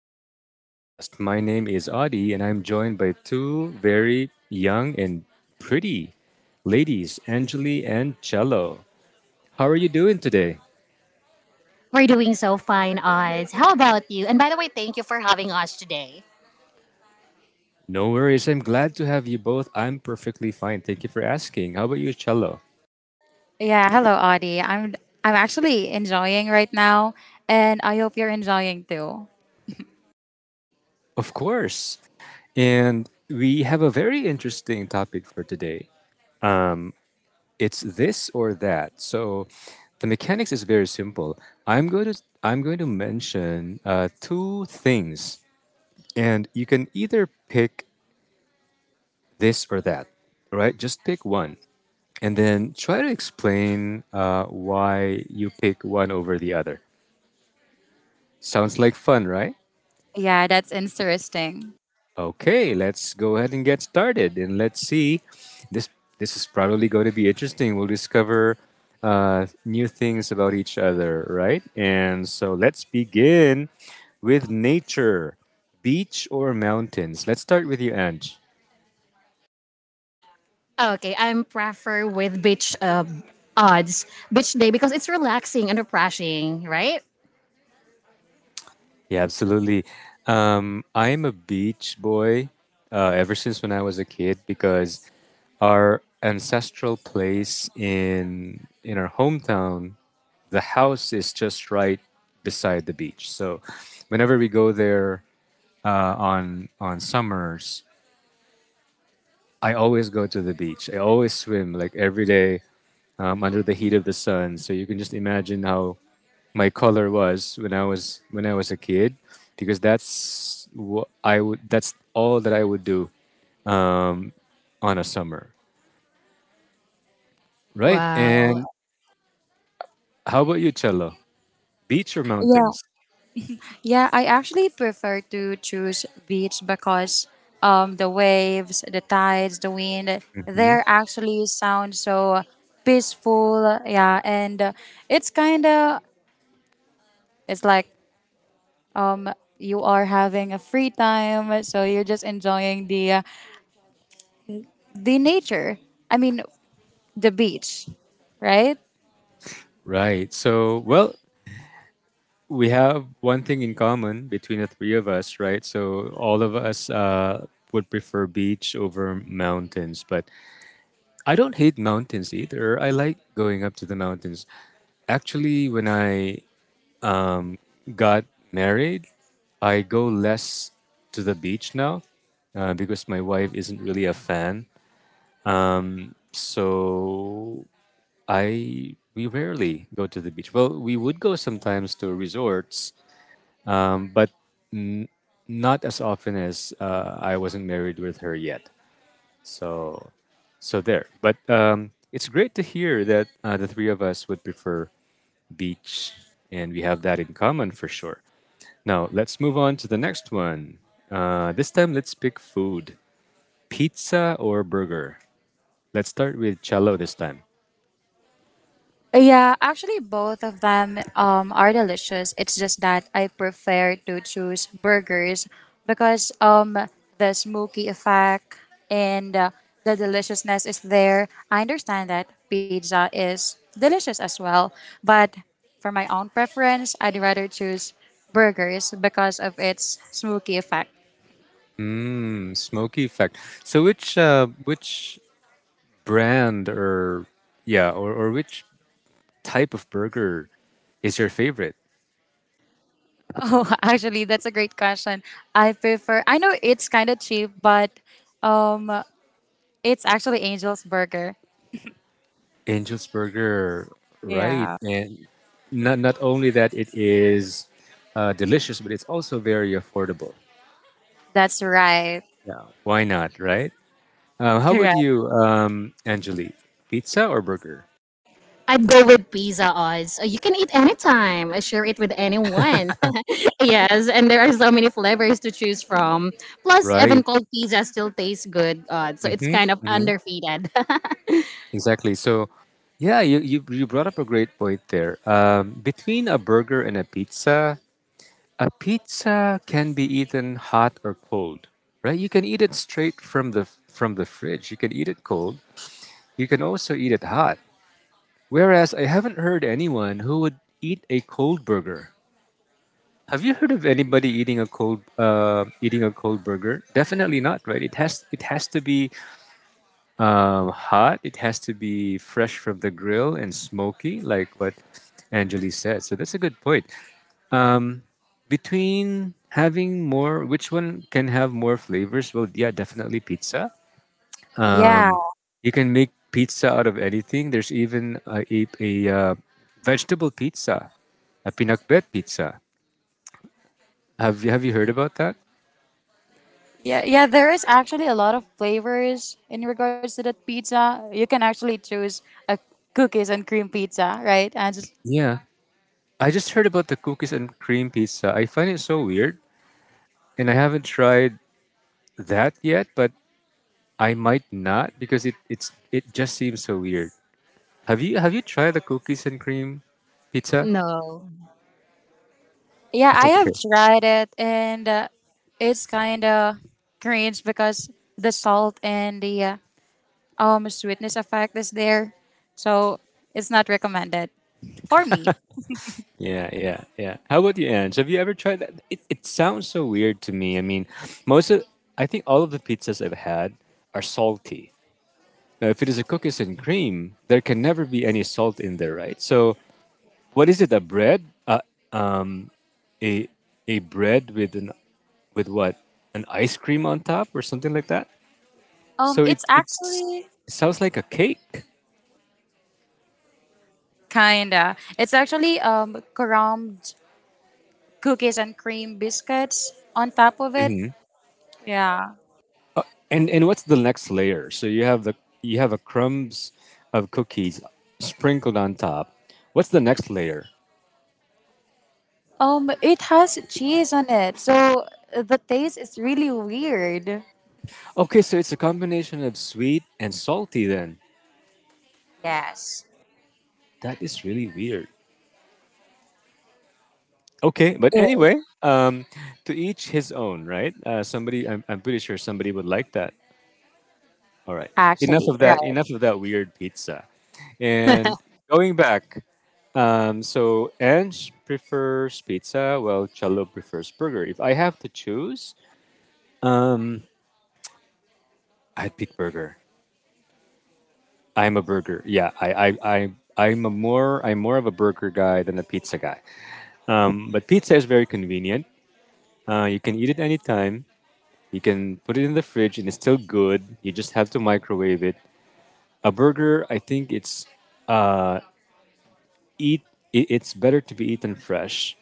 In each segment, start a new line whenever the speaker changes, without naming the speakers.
to today's podcast. My name is Adi, and I'm joined by two very young and pretty ladies, Angeli and Cello. How are you doing today?
We're doing so fine, Oz. How about you? And by the way, thank you for having us today.
No worries. I'm glad to have you both. I'm perfectly fine. Thank you for asking. How about you, Cello?
Yeah, hello Audie. I'm actually enjoying right now, and I hope you're enjoying too.
Of course. And we have a very interesting topic for today. Um, it's this or that. So the mechanics is very simple. I'm going to mention two things, and you can either pick this or that, right? Just pick one, and then try to explain why you pick one over the other. Sounds like fun, right?
Yeah, that's interesting.
Okay, let's go ahead and get started, and let's see. This this is probably going to be interesting. We'll discover new things about each other, right? And so let's begin with nature, beach or mountains. Let's start with you, Ange.
Okay, I'm prefer with beach odds beach day because it's relaxing and refreshing, right?
Yeah, absolutely. I am a beach boy ever since when I was a kid because our ancestral place in our hometown, the house is just right beside the beach. So whenever we go there on summers, I always go to the beach. I always swim like every day under the heat of the sun. So you can just imagine how my color was when I was a kid, because that's what I would. That's all that I would do on a summer, right?
Wow.
And how about you, Cello? Beach or
Yeah.
mountains?
Yeah, I actually prefer to choose beach because the waves, the tides, the wind,
Hmm.
they actually sound so peaceful. Yeah, and it's kind of it's like um you are having a free time, so you're just enjoying the nature. I mean, the beach, right?
Right. So, well, we have one thing in common between the three of us, right? So all of us would prefer beach over mountains, but I don't hate mountains either. I like going up to the mountains. Actually, when I got married, I go less to the beach now because my wife isn't really a fan. So I we rarely go to the beach. Well, we would go sometimes to resorts, but not as often as I wasn't married with her yet. So, so there. But it's great to hear that the three of us would prefer beach, and we have that in common for sure. Now let's move on to the next one. This time, let's pick food: pizza or burger. Let's start with cello this time.
Yeah, actually, both of them are delicious. It's just that I prefer to choose burgers because the smoky effect and the deliciousness is there. I understand that pizza is delicious as well, but for my own preference, I'd rather choose burgers because of its smoky effect.
Mm, smoky effect. So which which brand or yeah or which type of burger is your favorite?
Oh, actually, that's a great question. I prefer. I know it's kind of cheap, but um, it's actually Angel's Burger.
Angel's Burger, right?
Yeah.
And not only that, it is delicious, but it's also very affordable.
That's right.
Yeah, why not, right? How about
Correct.
you, Angelique? Pizza or burger?
I'd go with pizza odds. You can eat anytime. I share it with anyone. Yes, and there are so many flavors to choose from. Plus, even
Right.
cold pizza still tastes good. Odds, so it's
Mm-hmm.
kind of
Mm-hmm.
underfeeded.
Exactly. So, yeah, you brought up a great point there. Between a burger and a pizza can be eaten hot or cold, right? You can eat it straight from the fridge. You can eat it cold. You can also eat it hot. Whereas I haven't heard anyone who would eat a cold burger. Have you heard of anybody eating a cold burger? Definitely not, right? It has to be hot. It has to be fresh from the grill and smoky, like what Angeli said. So that's a good point. Um, Between having more, which one can have more flavors? Well, yeah, definitely pizza.
Yeah,
You can make pizza out of anything. There's even a vegetable pizza, a pinakbet pizza. Have you heard about that?
yeah, yeah. There is actually a lot of flavors in regards to that pizza. You can actually choose a cookies and cream pizza, right? And just,
Yeah, I just heard about the cookies and cream pizza. I find it so weird, and I haven't tried that yet. But I might not because it just seems so weird. Have you tried the cookies and cream pizza?
No.
yeah, I have
Okay.
tried it, and it's kind of cringe because the salt and the sweetness effect is there, so it's not recommended for me.
Yeah, yeah, yeah. How about you, Ange? Have you ever tried that? It sounds so weird to me. I mean, most of, I think all of the pizzas I've had are salty. Now, if it is a cookies and cream, there can never be any salt in there, right? So, what is it? A bread? A a bread with an with what? An ice cream on top or something like that? So
It's actually
it sounds like a cake.
kinda. It's actually crumbed cookies and cream biscuits on top of it. Yeah.
And what's the next layer? So you have the you have a crumbs of cookies sprinkled on top. What's the next layer?
It has cheese on it, so the taste is really weird.
Okay, so it's a combination of sweet and salty then.
Yes.
That is really weird. Okay, but
Yes,
anyway, um, to each his own, right? Somebody, I'm pretty sure somebody would like that. All right, enough
actually,
of that.
right.
Enough of that weird pizza. And going back, so Ange prefers pizza, while Cello prefers burger. If I have to choose, I'd pick burger. I'm a burger. Yeah, I'm a more, I'm more of a burger guy than a pizza guy. But pizza is very convenient. You can eat it anytime. You can put it in the fridge and it's still good. You just have to microwave it. A burger, I think it's uh, eat. It's better to be eaten fresh.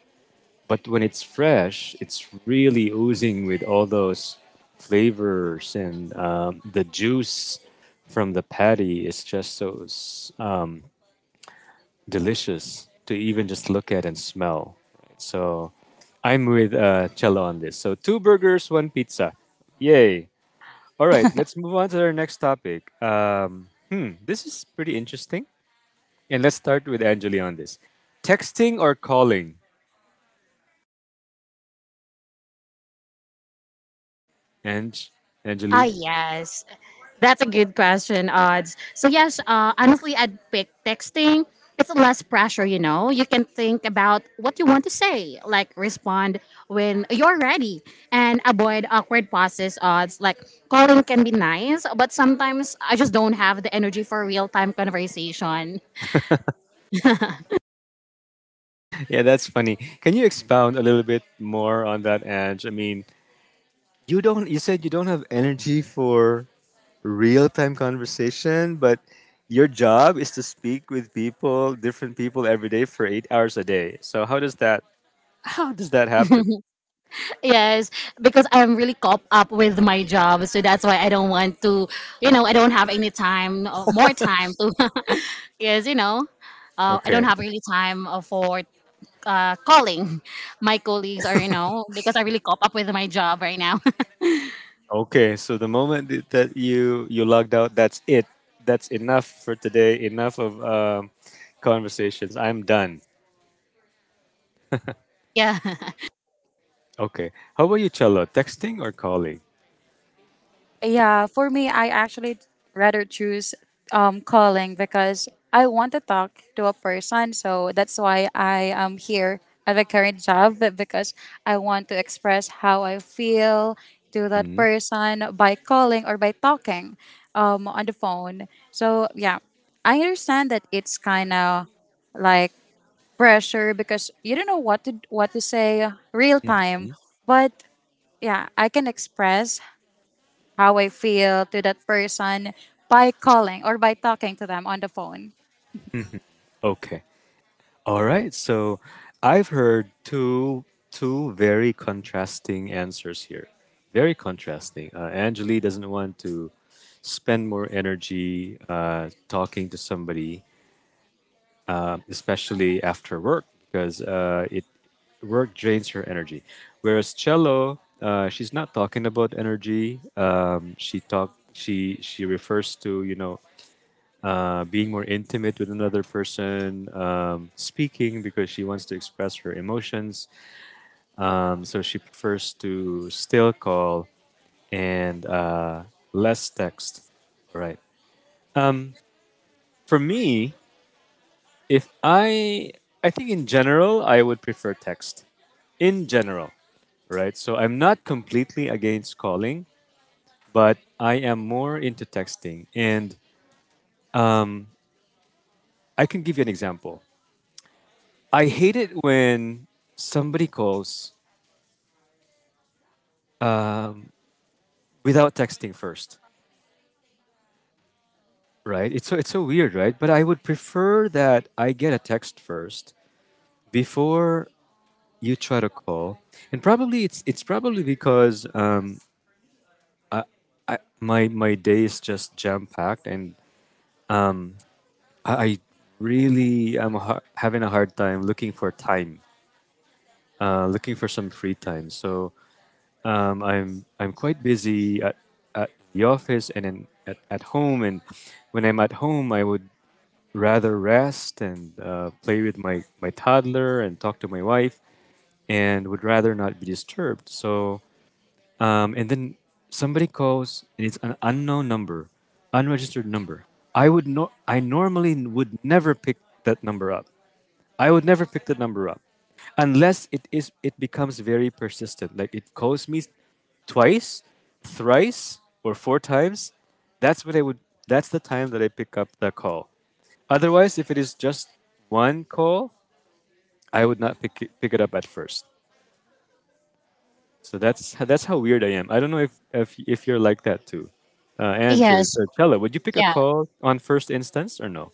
But when it's fresh, it's really oozing with all those flavors and the juice from the patty is just so delicious to even just look at and smell. So I'm with Cello on this. So two burgers, one pizza. Yay. All right, let's move on to our next topic. This is pretty interesting. And let's start with Angeli on this. Texting or calling? Ange,
Ah,
Angeli?
yes. That's a good question, Odds. So, yes, honestly, I'd pick texting. It's less pressure, you know. You can think about what you want to say, like respond when you're ready and avoid awkward pauses, odds. Like calling can be nice, but sometimes I just don't have the energy for real time conversation.
Yeah, that's funny. Can you expound a little bit more on that, Ange? I mean, you don't. You said you don't have energy for real time conversation, but your job is to speak with people, different people every day for 8 hours a day. So how does that? How does that happen?
Yes, because I'm really caught up with my job, so that's why I don't want to, I don't have any time, more time to, yes, I don't
Okay.
have really time for calling my colleagues or you know because I really caught up with my job right now.
Okay. So the moment that you logged out, that's it. That's enough for today. Enough of conversations. I'm done.
Yeah.
Okay. How about you, Cello? Texting or calling?
Yeah, for me, I actually rather choose calling because I want to talk to a person. So that's why I am here at the current job, but because I want to express how I feel to that
Mhm.
person by calling or by talking on the phone. So yeah, I understand that it's kind of like pressure because you don't know what to say real time, but yeah, I can express how I feel to that person by calling or by talking to them on the phone.
Okay. All right. So I've heard two very contrasting answers here. Very contrasting. Angeli doesn't want to spend more energy talking to somebody, especially after work, because it work drains her energy. Whereas cello, she's not talking about energy. She talk. She refers to, you know, being more intimate with another person, speaking because she wants to express her emotions. So she prefers to still call and less text. Right. Um, for me, if I, I think in general, I would prefer text. In general, right? So I'm not completely against calling, but I am more into texting. And I can give you an example. I hate it when somebody calls without texting first, right? It's so weird, right? But I would prefer that I get a text first before you try to call, and probably it's probably because I, my day is just jam packed, and I really am having a hard time, looking for some free time. So I'm quite busy at the office and at home. And when I'm at home, I would rather rest and play with my toddler and talk to my wife, and would rather not be disturbed. So and then somebody calls and it's an unknown number, unregistered number. I normally would never pick that number up. I would never pick the number up unless it becomes very persistent. Like it calls me twice, thrice, or four times. That's what I would. That's the time that I pick up the call. Otherwise, if it is just one call, I would not pick it up at first. So that's that's how weird I am. I don't know if you're like that too. Ange
Yes.
or Chella, would you pick a
Yeah.
call on first instance or no?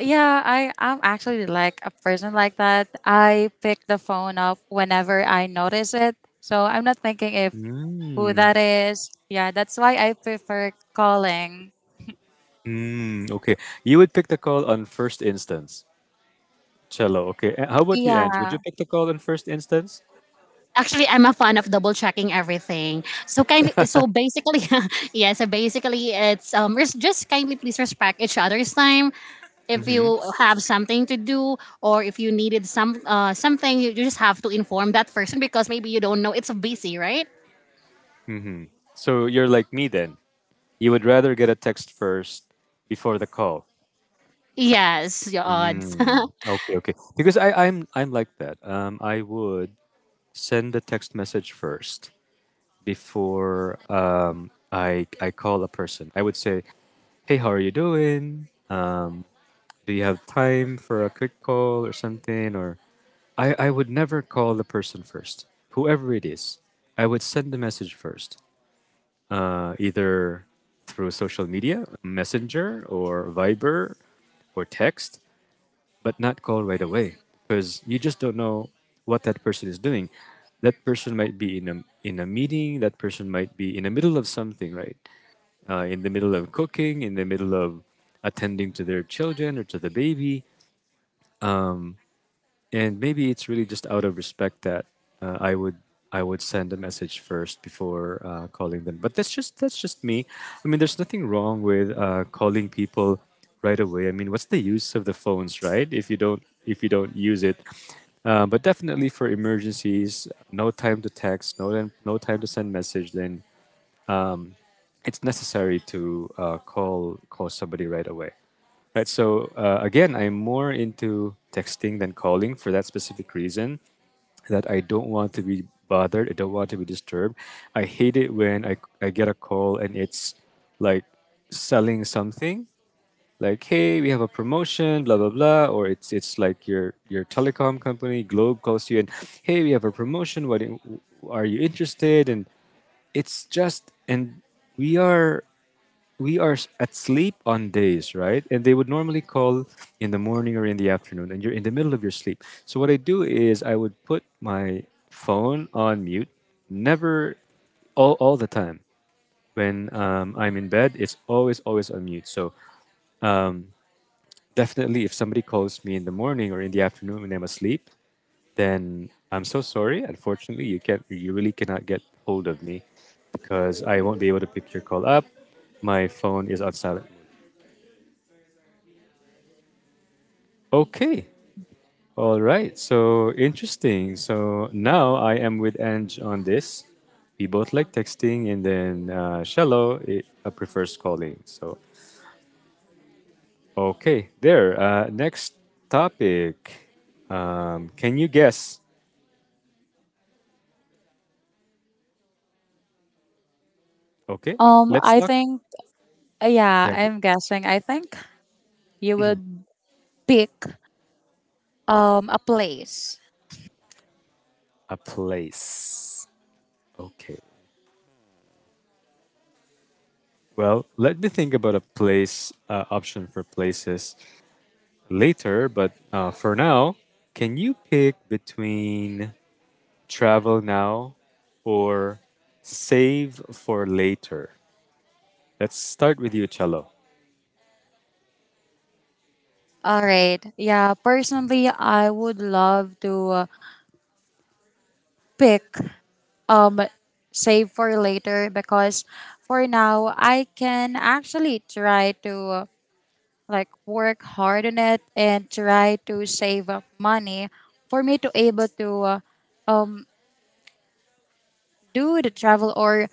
Yeah, I am actually like a person like that. I pick the phone up whenever I notice it. So I'm not thinking if who that is. Yeah, that's why I prefer calling.
Mm, okay, you would pick the call on first instance. Cello. Okay. A- How about you, Ange? Would
Yeah.
you pick the call in first instance?
Actually, I'm a fan of double checking everything. So kindly, so basically, yeah. So basically, it's just kindly please respect each other's time. If
Mm-hmm.
you have something to do or if you needed some something, you just have to inform that person because maybe you don't know it's busy, right?
So you're like me then. You would rather get a text first before the call.
Yes, your odds.
Mm, okay, okay. Because I'm like that. I would send the text message first before I call a person. I would say, "Hey, how are you doing?" Do you have time for a quick call or something? Or I would never call the person first, whoever it is. I would send the message first, either through social media, Messenger, or Viber, or text, but not call right away because you just don't know what that person is doing. That person might be in a meeting. That person might be in the middle of something, right? In the middle of cooking, in the middle of attending to their children or to the baby. Um, and maybe it's really just out of respect that uh, I would I would send a message first before calling them. But that's just me. I mean, there's nothing wrong with calling people right away. I mean, what's the use of the phones, right? If you don't use it. But definitely for emergencies, no time to text, no time to send message. Then it's necessary to call somebody right away. Right. So again, I'm more into texting than calling for that specific reason that I don't want to be bothered. I don't want to be disturbed. I hate it when I get a call and it's like selling something like, hey, we have a promotion, blah blah blah. Or it's like your telecom company Globe calls you and, hey, we have a promotion, are you interested? And it's just, and we are at sleep on days, right? And they would normally call in the morning or in the afternoon, and you're in the middle of your sleep. So what I do is I would put my phone on mute, never all the time. When I'm in bed, it's always on mute. So um, definitely, if somebody calls me in the morning or in the afternoon when I'm asleep, then I'm so sorry. Unfortunately, you really cannot get hold of me because I won't be able to pick your call up. My phone is on silent. Okay. All right, so interesting. So now I am with Ange on this. We both like texting, and then Shallow prefers calling. So, okay, there. Next topic. Can you guess? Okay, let's
I
talk.
think yeah,
Yeah, g-
I'm guessing. I think you would pick a place.
a place. Okay. Well, let me think about a place, option for places later, but for now, can you pick between travel now, or save for later? Let's start with you, Cello.
All right. Yeah, personally I would love to pick um save for later because for now I can actually try to uh, like work hard on it and try to save up money for me to able to um do the travel or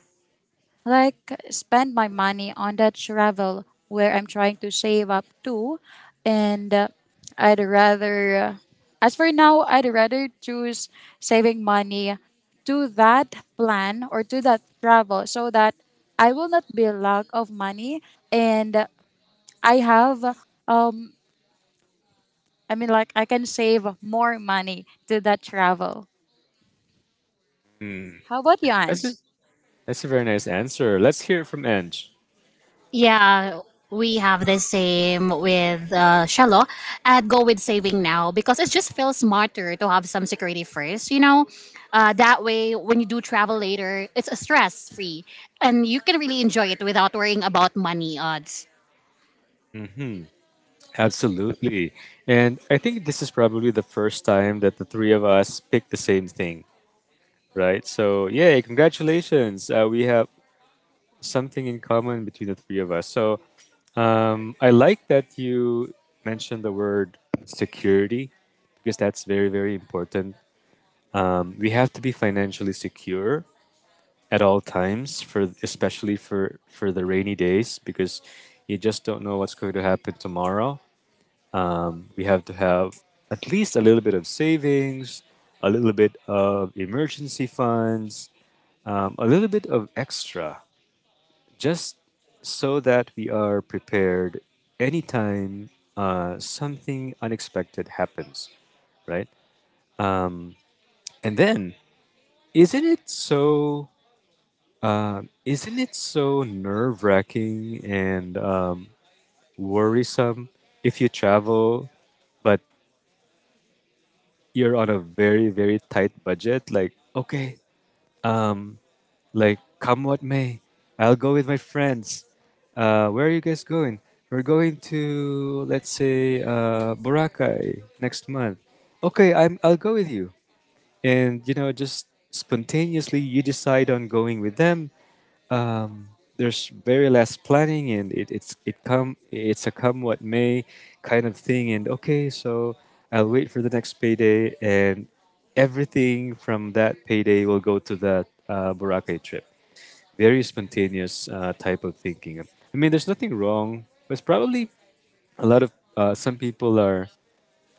like spend my money on that travel where I'm trying to save up to, and I'd rather as for now I'd rather choose saving money to that plan or to that travel so that I will not be lack of money, and I have um I mean, like, I can save more money to that travel.
Hmm.
How about you,
That's
Ange?
a that's a very nice answer. Let's hear it from Ange.
Yeah, we have the same with Shallow. I'd go with saving now because it just feels smarter to have some security first, you know? That way, when you do travel later, it's stress free and you can really enjoy it without worrying about money odds.
Hmm. Absolutely. And I think this is probably the first time that the three of us picked the same thing, right? So, yay, congratulations. We have something in common between the three of us. So, I like that you mentioned the word security, because that's very, very important. We have to be financially secure at all times, for especially for the rainy days, because you just don't know what's going to happen tomorrow. We have to have at least a little bit of savings, a little bit of emergency funds, a little bit of extra, just so that we are prepared anytime something unexpected happens, right? Um, and then, isn't it so isn't it so nerve wracking and, worrisome if you travel, but you're on a very, very tight budget? Like, okay, um, like, come what may, I'll go with my friends. Where are you guys going? We're going to, let's say, Boracay next month. Okay, I'll go with you. And, you know, just spontaneously you decide on going with them, um, there's very less planning and it's a come what may kind of thing. And okay, so I'll wait for the next payday, and everything from that payday will go to that, Boracay trip. Very spontaneous, type of thinking. I mean, there's nothing wrong, but it's probably a lot of, some people are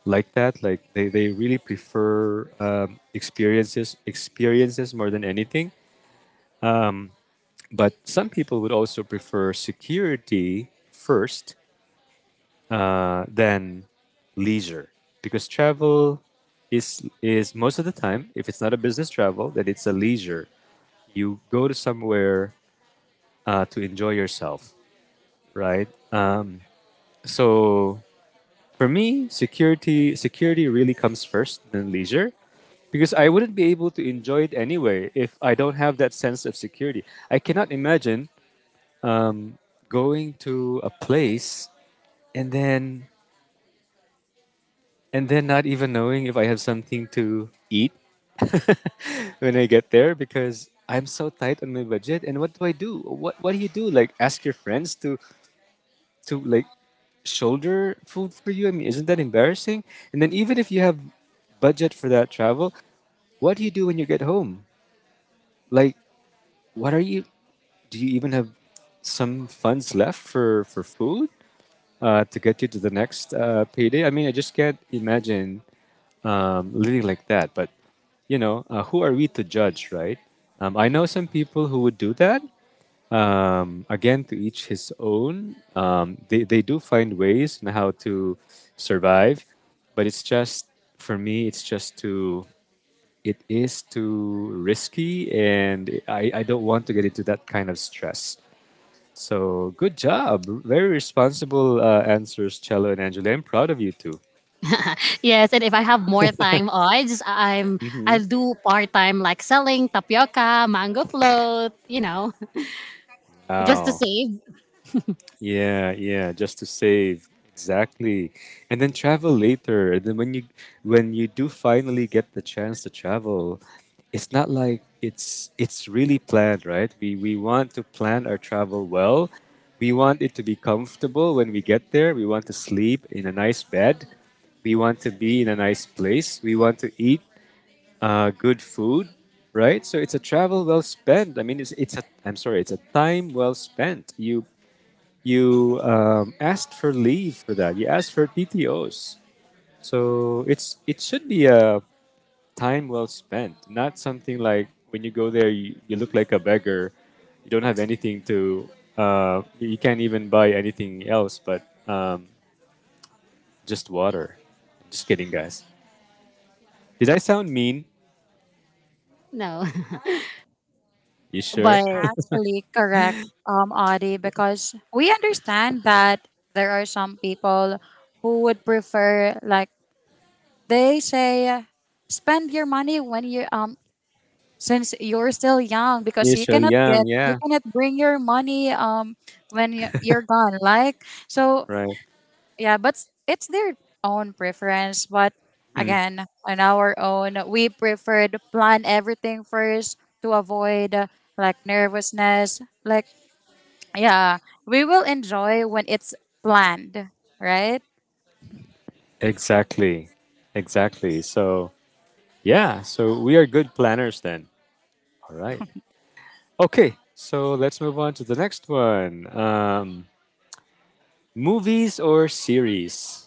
like that. Like they really prefer, experiences more than anything. But some people would also prefer security first, than leisure, because travel is most of the time, if it's not a business travel, then it's a leisure. You go to somewhere, to enjoy yourself, right? Uh, so for me, security really comes first than leisure, because I wouldn't be able to enjoy it anyway if I don't have that sense of security. I cannot imagine, um, going to a place and then and then not even knowing if I have something to eat when I get there because I'm so tight on my budget. And what do I do? What do you do? Like ask your friends to like shoulder food for you? I mean, isn't that embarrassing? And then even if you have budget for that travel, what do you do when you get home? Like, what are you? Do you even have some funds left for food, to get you to the next, payday? I mean, I just can't imagine, living like that. But you know, who are we to judge, right? I know some people who would do that. Again, to each his own. They do find ways on how to survive, but it's just for me, it's just too. It is too risky, and I don't want to get into that kind of stress. So good job, very responsible, answers, Cello and Angela. I'm proud of you too.
Yes, and if I have more time oh, I just I'm
Hmm.
I'll do part time like selling tapioca, mango float, you know, just to
Wow.
save.
Yeah, yeah, just to save. Exactly. And then travel later. And then when you do finally get the chance to travel, it's not like it's really planned, right? We want to plan our travel well. We want it to be comfortable when we get there. We want to sleep in a nice bed. We want to be in a nice place. We want to eat, good food, right? So it's a travel well spent. I mean, it's a I'm sorry, it's a time well spent. You, asked for leave for that. You asked for PTOS. So it's it should be a time well spent, not something like when you go there you look like a beggar. You don't have anything to. You can't even buy anything else but, um, just water. Just kidding, guys. Did I sound mean?
No,
You
That
sure?
is
but
actually correct, Audie, because we understand that there are some people who would prefer, like they say, spend your money when you since you're still young because
You sure? Yeah,
you
yeah,
cannot bring your money you're gone, like, so
right.
yeah, but it's their own preference. But
Hmm.
again, on our own, we prefer to plan everything first to avoid like nervousness, like yeah, we will enjoy when it's planned, right?
Exactly. Exactly. So, yeah, so we are good planners then. All right. Okay, so let's move on to the next one. Movies or series?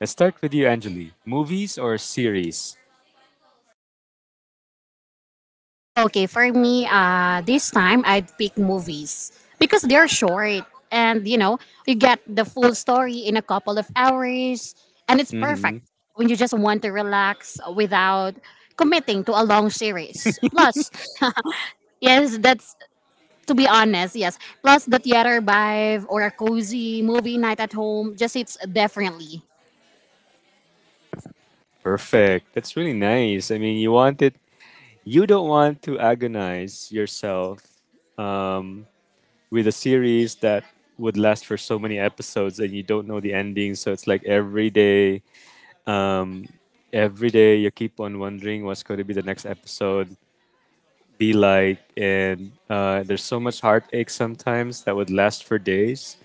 Let's start with you, Anjali. Movies or series?
okay, for me, this time I'd pick movies because they're short and you know you get the full story in a couple of hours, and it's
Mm-hmm.
perfect when you just want to relax without committing to a long series. Plus, yes, that's to be honest, yes. Plus, the theater vibe or a cozy movie night at home just hits differently.
Perfect. That's really nice. I mean, you want it. You don't want to agonize yourself, um, with a series that would last for so many episodes and you don't know the ending. So it's like um, every day you keep on wondering what's going to be the next episode. Be like. And there's so much heartache sometimes that would last for days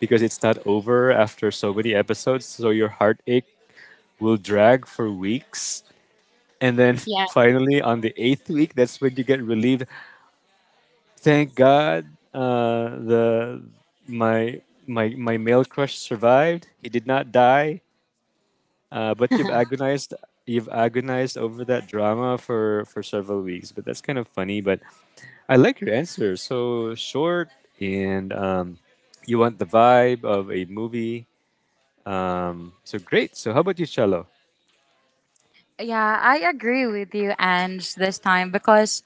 because it's not over after so many episodes. So your heartache will drag for weeks. And then
Yeah,
finally, on the eighth week, that's when you get relieved. Thank God, the my my male crush survived. He did not die. But you've agonized over that drama for several weeks. But that's kind of funny. But I like your answer. So short and, you want the vibe of a movie. So great. So how about you, Cello?
Yeah, I agree with you, Ange, this time because,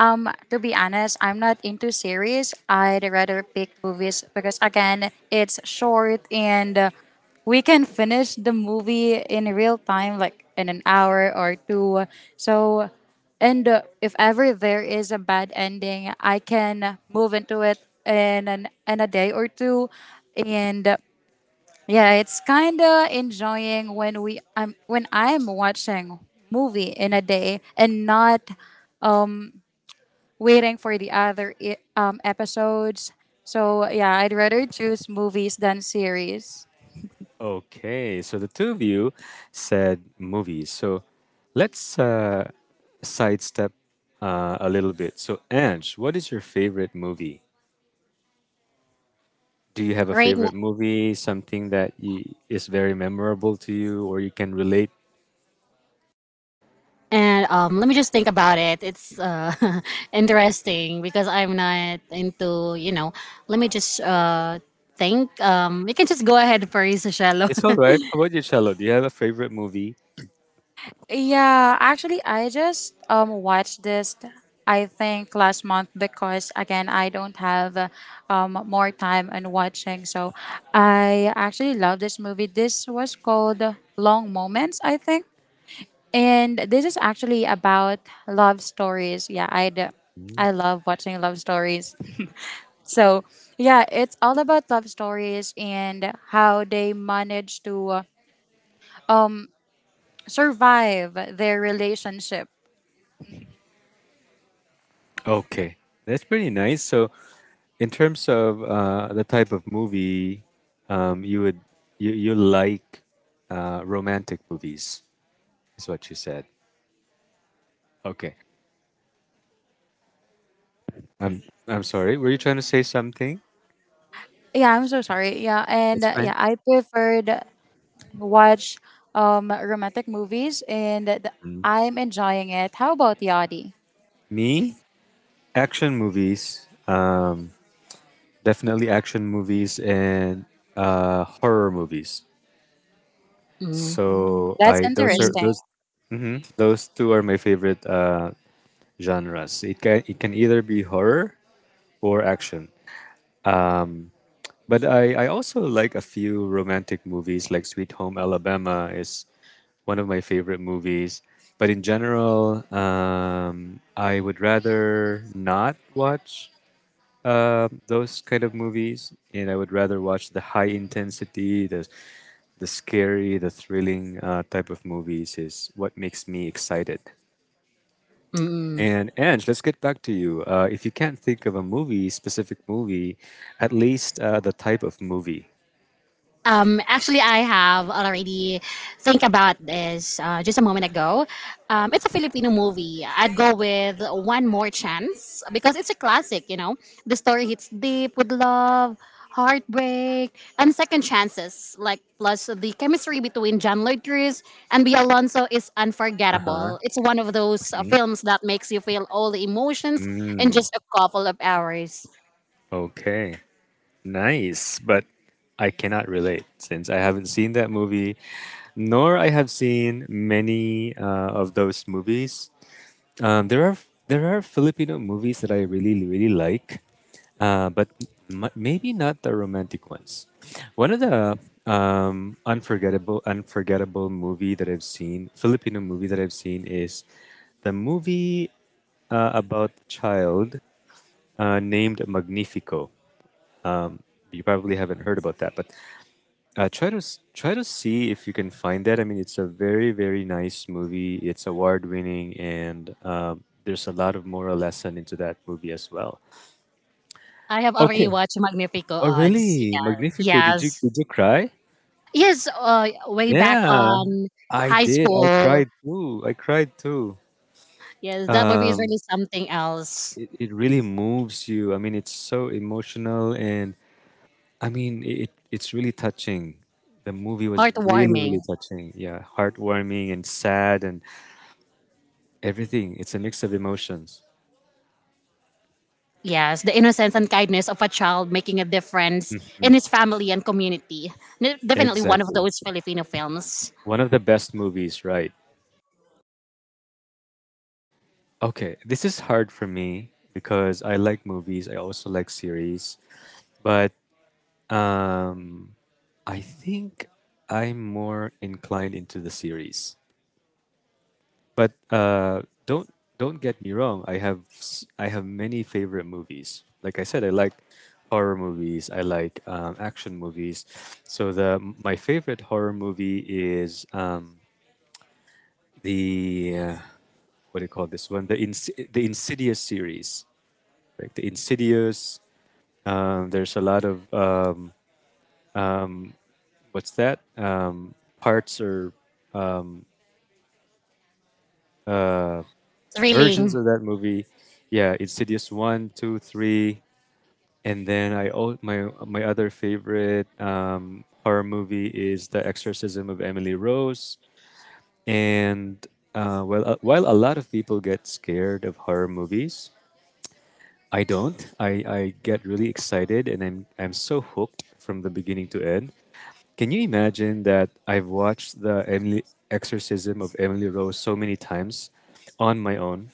to be honest, I'm not into series. I'd rather pick movies because, again, it's short, and we can finish the movie in real time, like in an hour or two. So, and if ever there is a bad ending, I can move into it in an in a day or two, and. Yeah, it's kind of enjoying when we I'm when I'm watching movie in a day and not waiting for the other episodes. So yeah, I'd rather choose movies than series.
Okay. So the two of you said movies. So let's, sidestep, a little bit. So Ange, what is your favorite movie? Do you have a
right.
favorite movie? Something that you, is very memorable to you, or you can relate?
And let me just think about it. It's interesting because I'm not into, let me just think. You can just go ahead, Paris Shallow.
It's all right. How about you, Cello? Do you have a favorite movie?
Yeah, actually, I just watched this. I think last month because again I don't have more time and watching. So I actually love this movie. This was called Long Moments, I think. And this is actually about love stories. Yeah, I'd I love watching love stories. So, yeah, it's all about love stories and how they manage to survive their relationship.
Okay, that's pretty nice. So in terms of, the type of movie, you would you like, romantic movies is what you said. Okay. I'm I'm sorry. Were you trying to say something?
Yeah, I'm so sorry. Yeah, and
It's
yeah,
fine.
I preferred watch romantic movies and I'm enjoying it. How about Yadi?
Me? Action movies. Definitely action movies and, horror movies.
Mm.
So
That's
I those are
interesting.
those mhm, those two are my favorite, genres. It can either be horror or action. But I also like a few romantic movies, like Sweet Home Alabama is one of my favorite movies. But in general, I would rather not watch, those kind of movies, and I would rather watch the high intensity, the scary, the thrilling, type of movies is what makes me excited.
Mm-mm.
And Ange, let's get back to you. If you can't think of a movie, specific movie, at least, the type of movie.
Actually, I have already think about this just a moment ago. It's a Filipino movie. I'd go with One More Chance because it's a classic. You know, the story hits deep with love, heartbreak, and second chances. Like plus the chemistry between John Lloyd Cruz and B. Alonso is
Uh huh.
unforgettable. It's one of those films that makes you feel all the emotions in
Mm,
just a couple of hours.
okay, nice. But I cannot relate since I haven't seen that movie, nor I have seen many, of those movies. Um, there are there are Filipino movies that I really like, but maybe not the romantic ones. One of the, unforgettable movie that I've seen, Filipino movie that I've seen, is the movie, about a child, named Magnifico. You probably haven't heard about that, but try to see if you can find that. I mean, it's a very nice movie. It's award winning, and there's a lot of moral lesson into that movie as well.
I have already
Okay.
watched Magnifico
Oh
Odds.
really? Magnifico.
Yeah.
Did you
Yes.
did you cry?
Yes, way back
Yeah,
on
I
high
did. I
school.
cried too. I cried too.
Yes, that movie is
Um,
really something else.
it really moves you. I mean, it's so emotional and I mean, it's really touching. The movie was really, really
Heartwarming.
touching. Yeah, heartwarming and sad and everything. It's a mix of emotions.
Yes, the innocence and kindness of a child making a difference
Mhm.
in his family and community. Definitely one of
Exactly.
those Filipino films.
One of the best movies, right? Okay, this is hard for me because I like movies. I also like series, but um, I think I'm more inclined into the series. But don't get me wrong. I have many favorite movies. Like I said, I like horror movies. I like action movies. So the my favorite horror movie is the uh, what do you call this one? The Insidious series, right? The Insidious. There's a lot of what's that parts or versions
Thrilling.
of that movie. Yeah, Insidious one, two, three. And then my other favorite horror movie is The Exorcism of Emily Rose. And while a lot of people get scared of horror movies, I don't. I get really excited, and I'm so hooked from the beginning to end. Can you imagine that I've watched the Emily Exorcism of Emily Rose so many times on my own?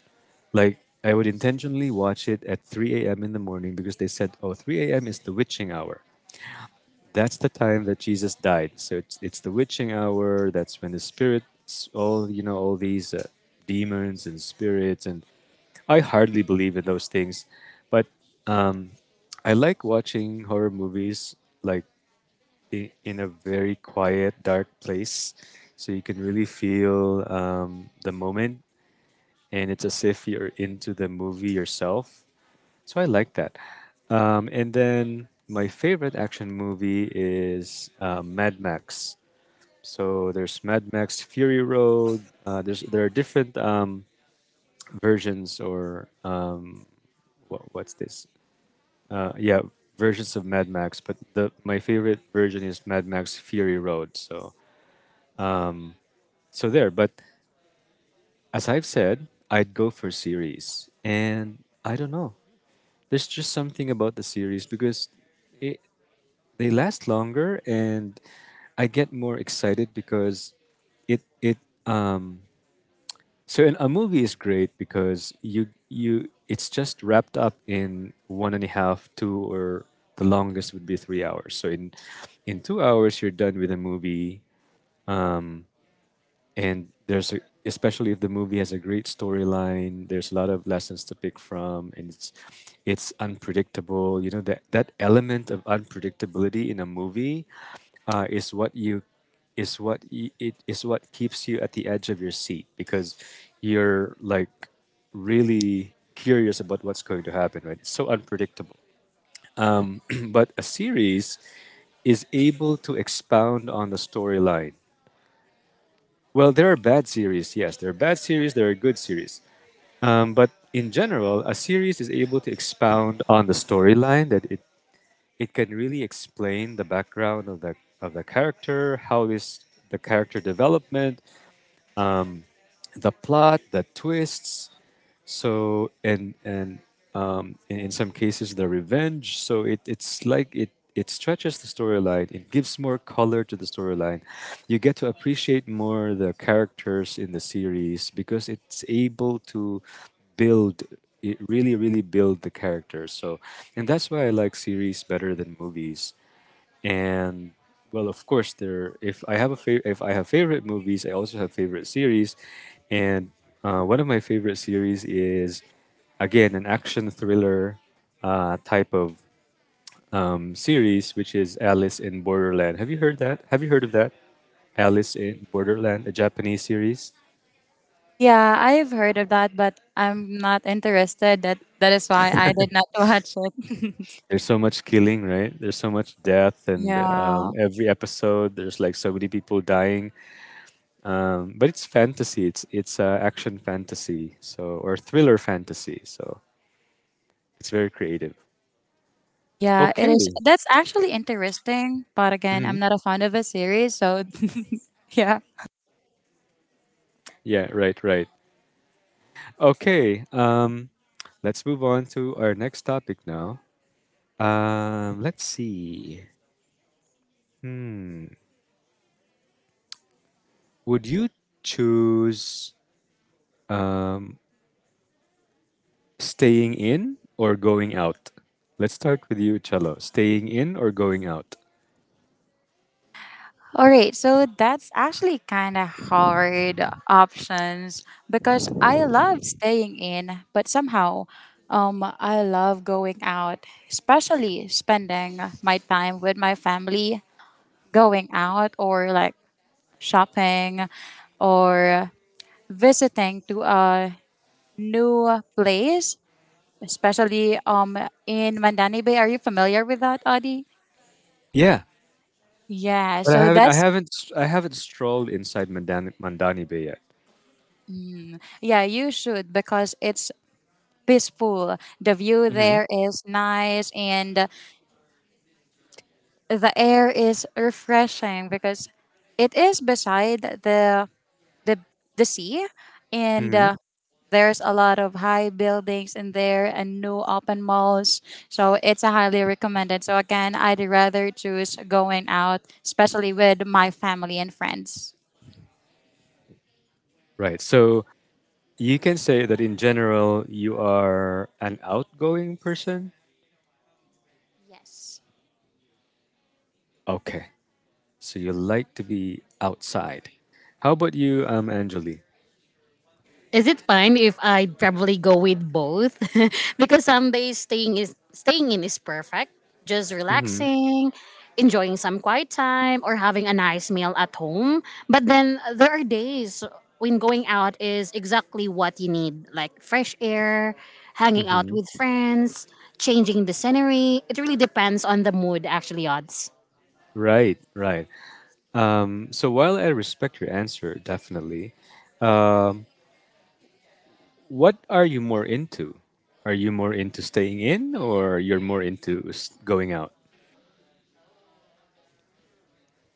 Like I would intentionally watch it at 3 a.m. in the morning because they said, "Oh, 3 a.m. is the witching hour." That's the time that Jesus died. So it's the witching hour. That's when the spirits, all these demons and spirits, and I hardly believe in those things, but um, I like watching horror movies like in a very quiet, dark place, so you can really feel the moment, and it's as if you're into the movie yourself. So I like that. And then my favorite action movie is Mad Max. So there's Mad Max Fury Road. There are different versions or what, what's this? Yeah, versions of Mad Max. But the my favorite version is Mad Max Fury Road. So so there. But as I've said, I'd go for series, and I don't know. There's just something about the series because it, they last longer and I get more excited because it um so in a movie is great because you it's just wrapped up in one and a half two or the longest would be 3 hours, so in 2 hours you're done with a movie, and especially if the movie has a great storyline, there's a lot of lessons to pick from and it's unpredictable. You know, that element of unpredictability in a movie is what you is what y- it is what keeps you at the edge of your seat because you're like really curious about what's going to happen, right? It's so unpredictable. But a series is able to expound on the storyline. Well, there are bad series, yes. There are bad series, there are good series. But in general, a series is able to expound on the storyline that it can really explain the background of the character, how is the character development, the plot, the twists, so and in some cases the revenge, so it's like it stretches the storyline, it gives more color to the storyline. You get to appreciate more the characters in the series because it's able to build, it really build the characters. So and that's why I like series better than movies. And well, of course, there, if I have a favorite if I have favorite movies, I also have favorite series. And one of my favorite series is again an action thriller type of series, which is Alice in Borderland. Have you heard of that? Alice in Borderland, a Japanese series.
Yeah, I have heard of that, but I'm not interested. That that is why I did not watch it.
There's so much killing, right? There's so much death, and
yeah.
every episode there's like so many people dying. But it's fantasy. It's action fantasy, so or thriller fantasy. So it's very creative.
Yeah, it is.
Okay.
That's actually interesting, but again,
Mhm.
I'm not a fan of a series, so yeah.
Yeah. Right. Right. Okay. Let's move on to our next topic now. Let's see. Would you choose staying in or going out? Let's start with you, Cello. Staying in or going out?
All right, so that's actually kind of hard options because I love staying in, but somehow I love going out, especially spending my time with my family, going out or like shopping, or visiting to a new place, especially in Mandani Bay. Are you familiar with that, Adi?
Yeah,
Yeah,
but
so that's
I haven't strolled inside Mandani Bay yet.
yeah, you should because it's peaceful. The view there is nice, and the air is refreshing because it is beside the the the sea, and
Hmm.
there's a lot of high buildings in there and new open malls, so it's a highly recommended. So again, I'd rather choose going out, especially with my family and friends.
Right. So you can say that in general, you are an outgoing person.
Yes.
Okay. So you like to be outside. How about you, Anjali?
Is it fine if I probably go with both? Because some days staying in is perfect. Just
Mm-hmm.
relaxing, enjoying some quiet time or having a nice meal at home. But then there are days when going out is exactly what you need, like fresh air, hanging out
Mm-hmm.
with friends, changing the scenery. It really depends on the mood actually, odds.
Right. Right. So while I respect your answer, definitely, what are you more into? Are you more into staying in, or you're more into going out?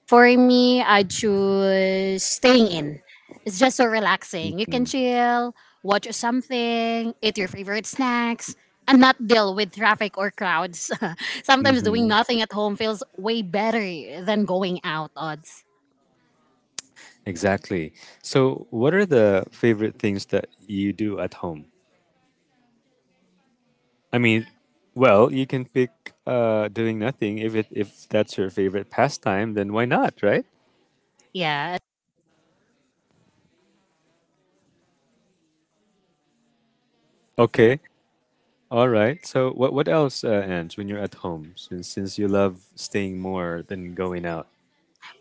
For me, I choose staying in. It's just so relaxing. You can chill, watch something, eat your favorite snacks, and not deal with traffic or crowds. Sometimes doing
Mm-hmm.
nothing at home feels way better than going out odds.
Exactly. So, what are the favorite things that you do at home? I mean, well, you can pick doing nothing if it if that's your favorite pastime. Then why not, right?
Yeah.
Okay, all right. So what else, Ange? When you're at home, since you love staying more than going out.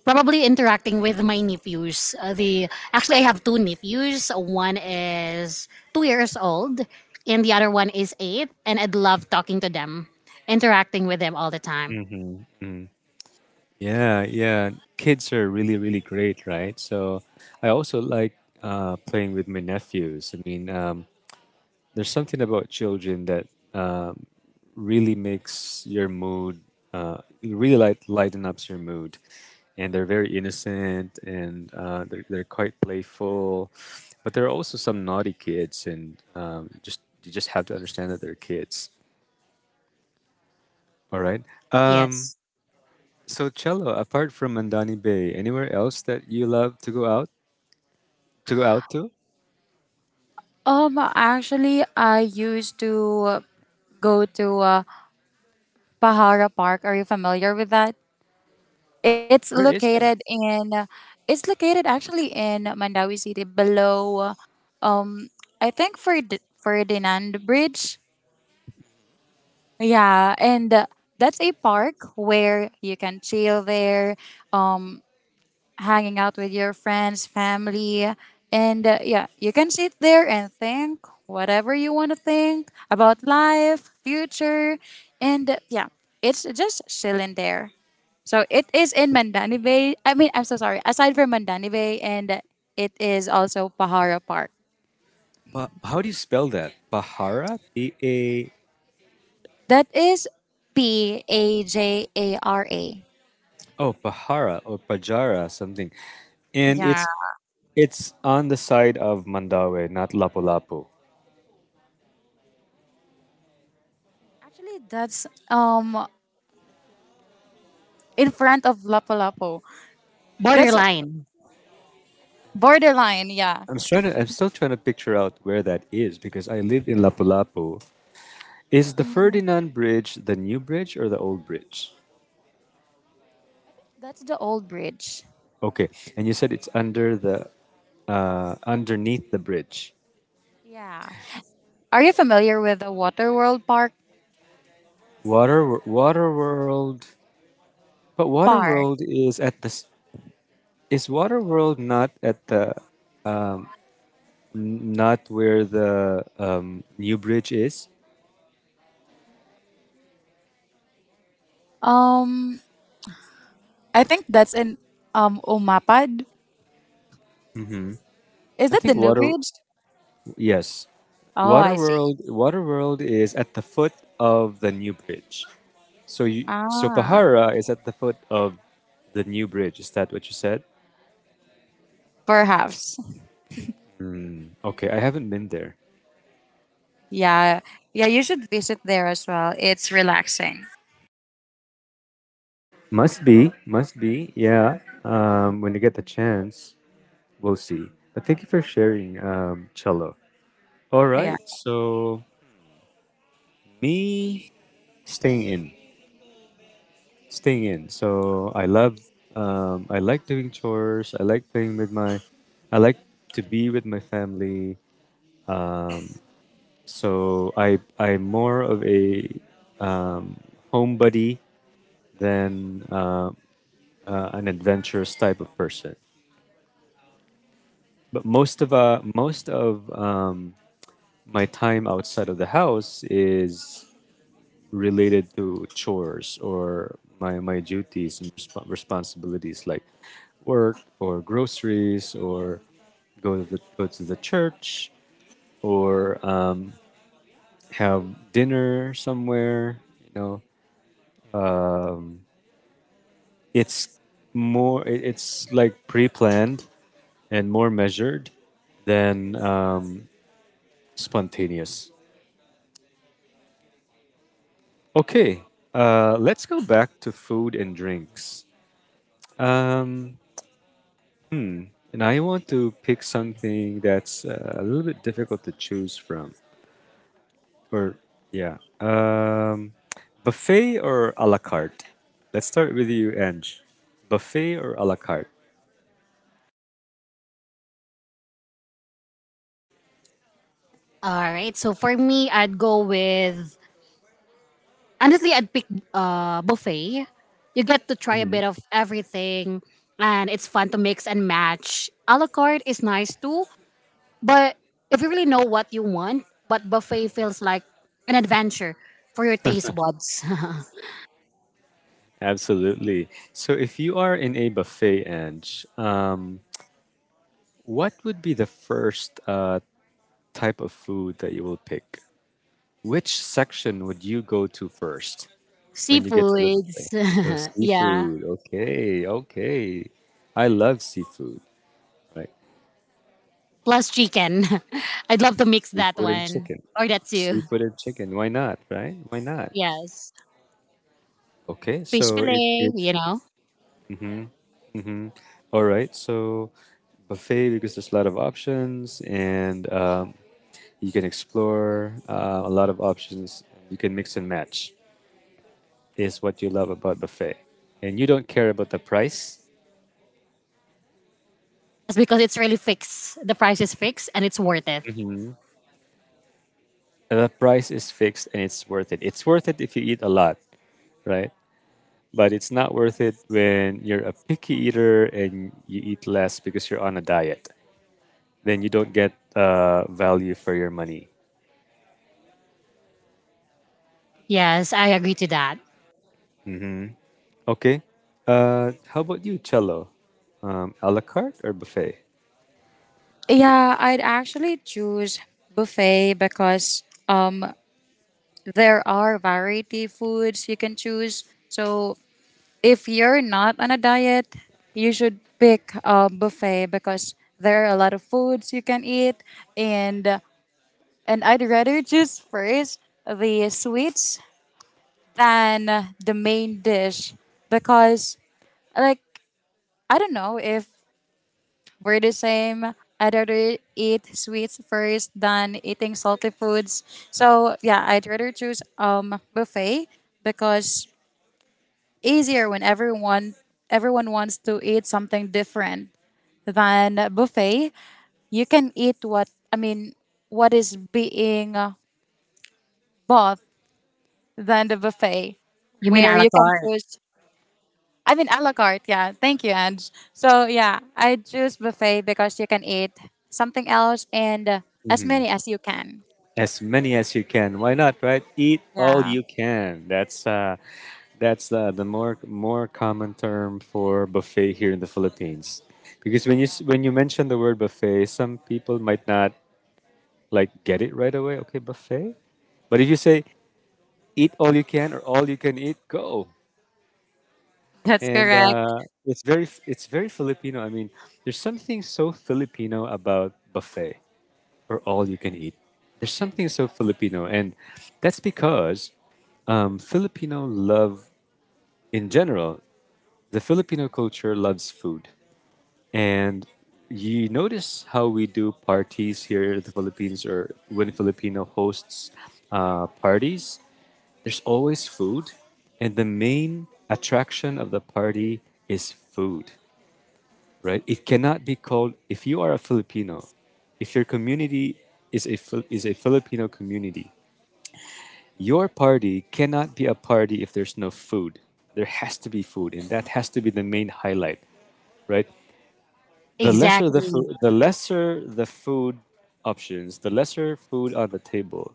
Probably interacting with my nephews. The actually I have two nephews. One is 2 years old, and the other one is 8, and I'd love talking to them, interacting with them all the time.
Mm-hmm. Mm. Yeah, yeah. Kids are really great, right? So I also like playing with my nephews. I mean, there's something about children that um, really makes your mood, lighten ups your mood. And they're very innocent and they're quite playful. But there are also some naughty kids, and just you just have to understand that they're kids. All right. Um,
Yes.
so Cello, apart from Mandani Bay, anywhere else that you love to go out to go out to?
actually, I used to go to Pahara Park. Are you familiar with that? It's
Where is
located
that?
in. It's located actually in Mandawi City, below I think Ferdinand Bridge. Yeah, and that's a park where you can chill there. Um hanging out with your friends, family, and yeah, you can sit there and think whatever you want to think about life, future, and yeah, it's just chilling there. So it is in Mandani Bay. I mean, I'm so sorry. Aside from Mandani Bay, and it is also Pahara Park.
But how do you spell that? Bahara? B A.
That is Pajara.
Oh, Pahara or Pajara something. And
Yeah.
it's on the side of Mandawe, not Lapu-Lapu.
Actually, that's in front of Lapu-Lapu. That's
Borderline.
borderline, yeah.
I'm still trying to picture out where that is because I lived in Lapu-Lapu. Is the
Mm-hmm.
Ferdinand Bridge the new bridge or the old bridge?
That's the old bridge.
Okay. And you said it's under the underneath the bridge.
Yeah. Are you familiar with the Waterworld Park
Water World, but Water
park?
World is at the s- is Water World not at the not where the new bridge is?
Um, I think that's in Umapad. Is
I
that the
think
new bridge?
Yes,
Oh, I see.
Waterworld. Waterworld is at the foot of the new bridge. So so
Ah,
Pahara is at the foot of the new bridge. Is that what you said?
perhaps.
Okay, I haven't been there.
Yeah, yeah. You should visit there as well. It's relaxing.
Must be, must be. Yeah. When you get the chance, we'll see. But thank you for sharing, Cello. All
Yeah.
right. So me staying in. Staying in. So I love, I like doing chores. I like to be with my family. Uh, so I'm more of a um, homebody than an adventurous type of person. But most of my time outside of the house is related to chores or my duties and responsibilities like work or groceries or go to the church or have dinner somewhere. You know, it's more, it, it's like pre-planned and more measured than spontaneous. Okay. Uh, let's go back to food and drinks. um, And I want to pick something that's a little bit difficult to choose from. Or, yeah. Buffet or a la carte? Let's start with you, Ange. Buffet or a la carte?
All right. So for me, I'd go with honestly, I'd pick buffet. You get to try a bit of everything, and it's fun to mix and match. A la carte is nice too, but if you really know what you want, but buffet feels like an adventure for your taste buds.
Absolutely. So, if you are in a buffet, Ange, what would be the first type of food that you will pick? Which section would you go to first when you get to the buffet? Oh,
Seafoods, yeah,
seafood. Okay, okay. I love seafood. Right.
plus chicken. I'd love to mix that
Seafood and
one
chicken.
or that too.
Seafood and chicken. Why not? Right? Why not?
Yes,
Okay.
fish
So it
fillet.
it
You know.
all right. So buffet because there's a lot of options and you can explore a lot of options. You can mix and match is what you love about buffet, and you don't care about the price.
Yes, because it's really fixed. The price is fixed and it's worth it.
Hmm. The price is fixed and it's worth it. It's worth it if you eat a lot, right? But it's not worth it when you're a picky eater and you eat less because you're on a diet. Then you don't get value for your money.
Yes, I agree to that.
Okay. How about you, Cello? A la carte or buffet?
Yeah, I'd actually choose buffet because um there are variety foods you can choose. So if you're not on a diet, you should pick a buffet because there are a lot of foods you can eat, and I'd rather choose first the sweets than the main dish because like I don't know if we're the same. I'd rather eat sweets first than eating salty foods. So yeah, I'd rather choose buffet because easier when everyone wants to eat something different than a buffet. You can eat what I mean what is being bought than the buffet
You mean
where
a la
you can
carte?
choose. I mean a la carte, yeah. Thank you, Ange. So yeah, I choose buffet because you can eat something else, and as many as you can.
As many as you can. Why not? Right? Eat all
Yeah.
you can. That's the more common term for buffet here in the Philippines. Because when when you mention the word buffet, some people might not like get it right away. Okay, buffet. But if you say eat all you can or all you can eat, go.
That's
And
correct.
it's very Filipino. I mean, there's something so Filipino about buffet or all you can eat. There's something so Filipino, and that's because Filipino love in general. The Filipino culture loves food, and you notice how we do parties here in the Philippines, or when Filipino hosts parties. There's always food, and the main attraction of the party is food, right? It cannot be called if you are a Filipino, if your community is is a Filipino community, your party cannot be a party if there's no food. There has to be food, and that has to be the main highlight, right?
Exactly.
The lesser the food options, the lesser food on the table,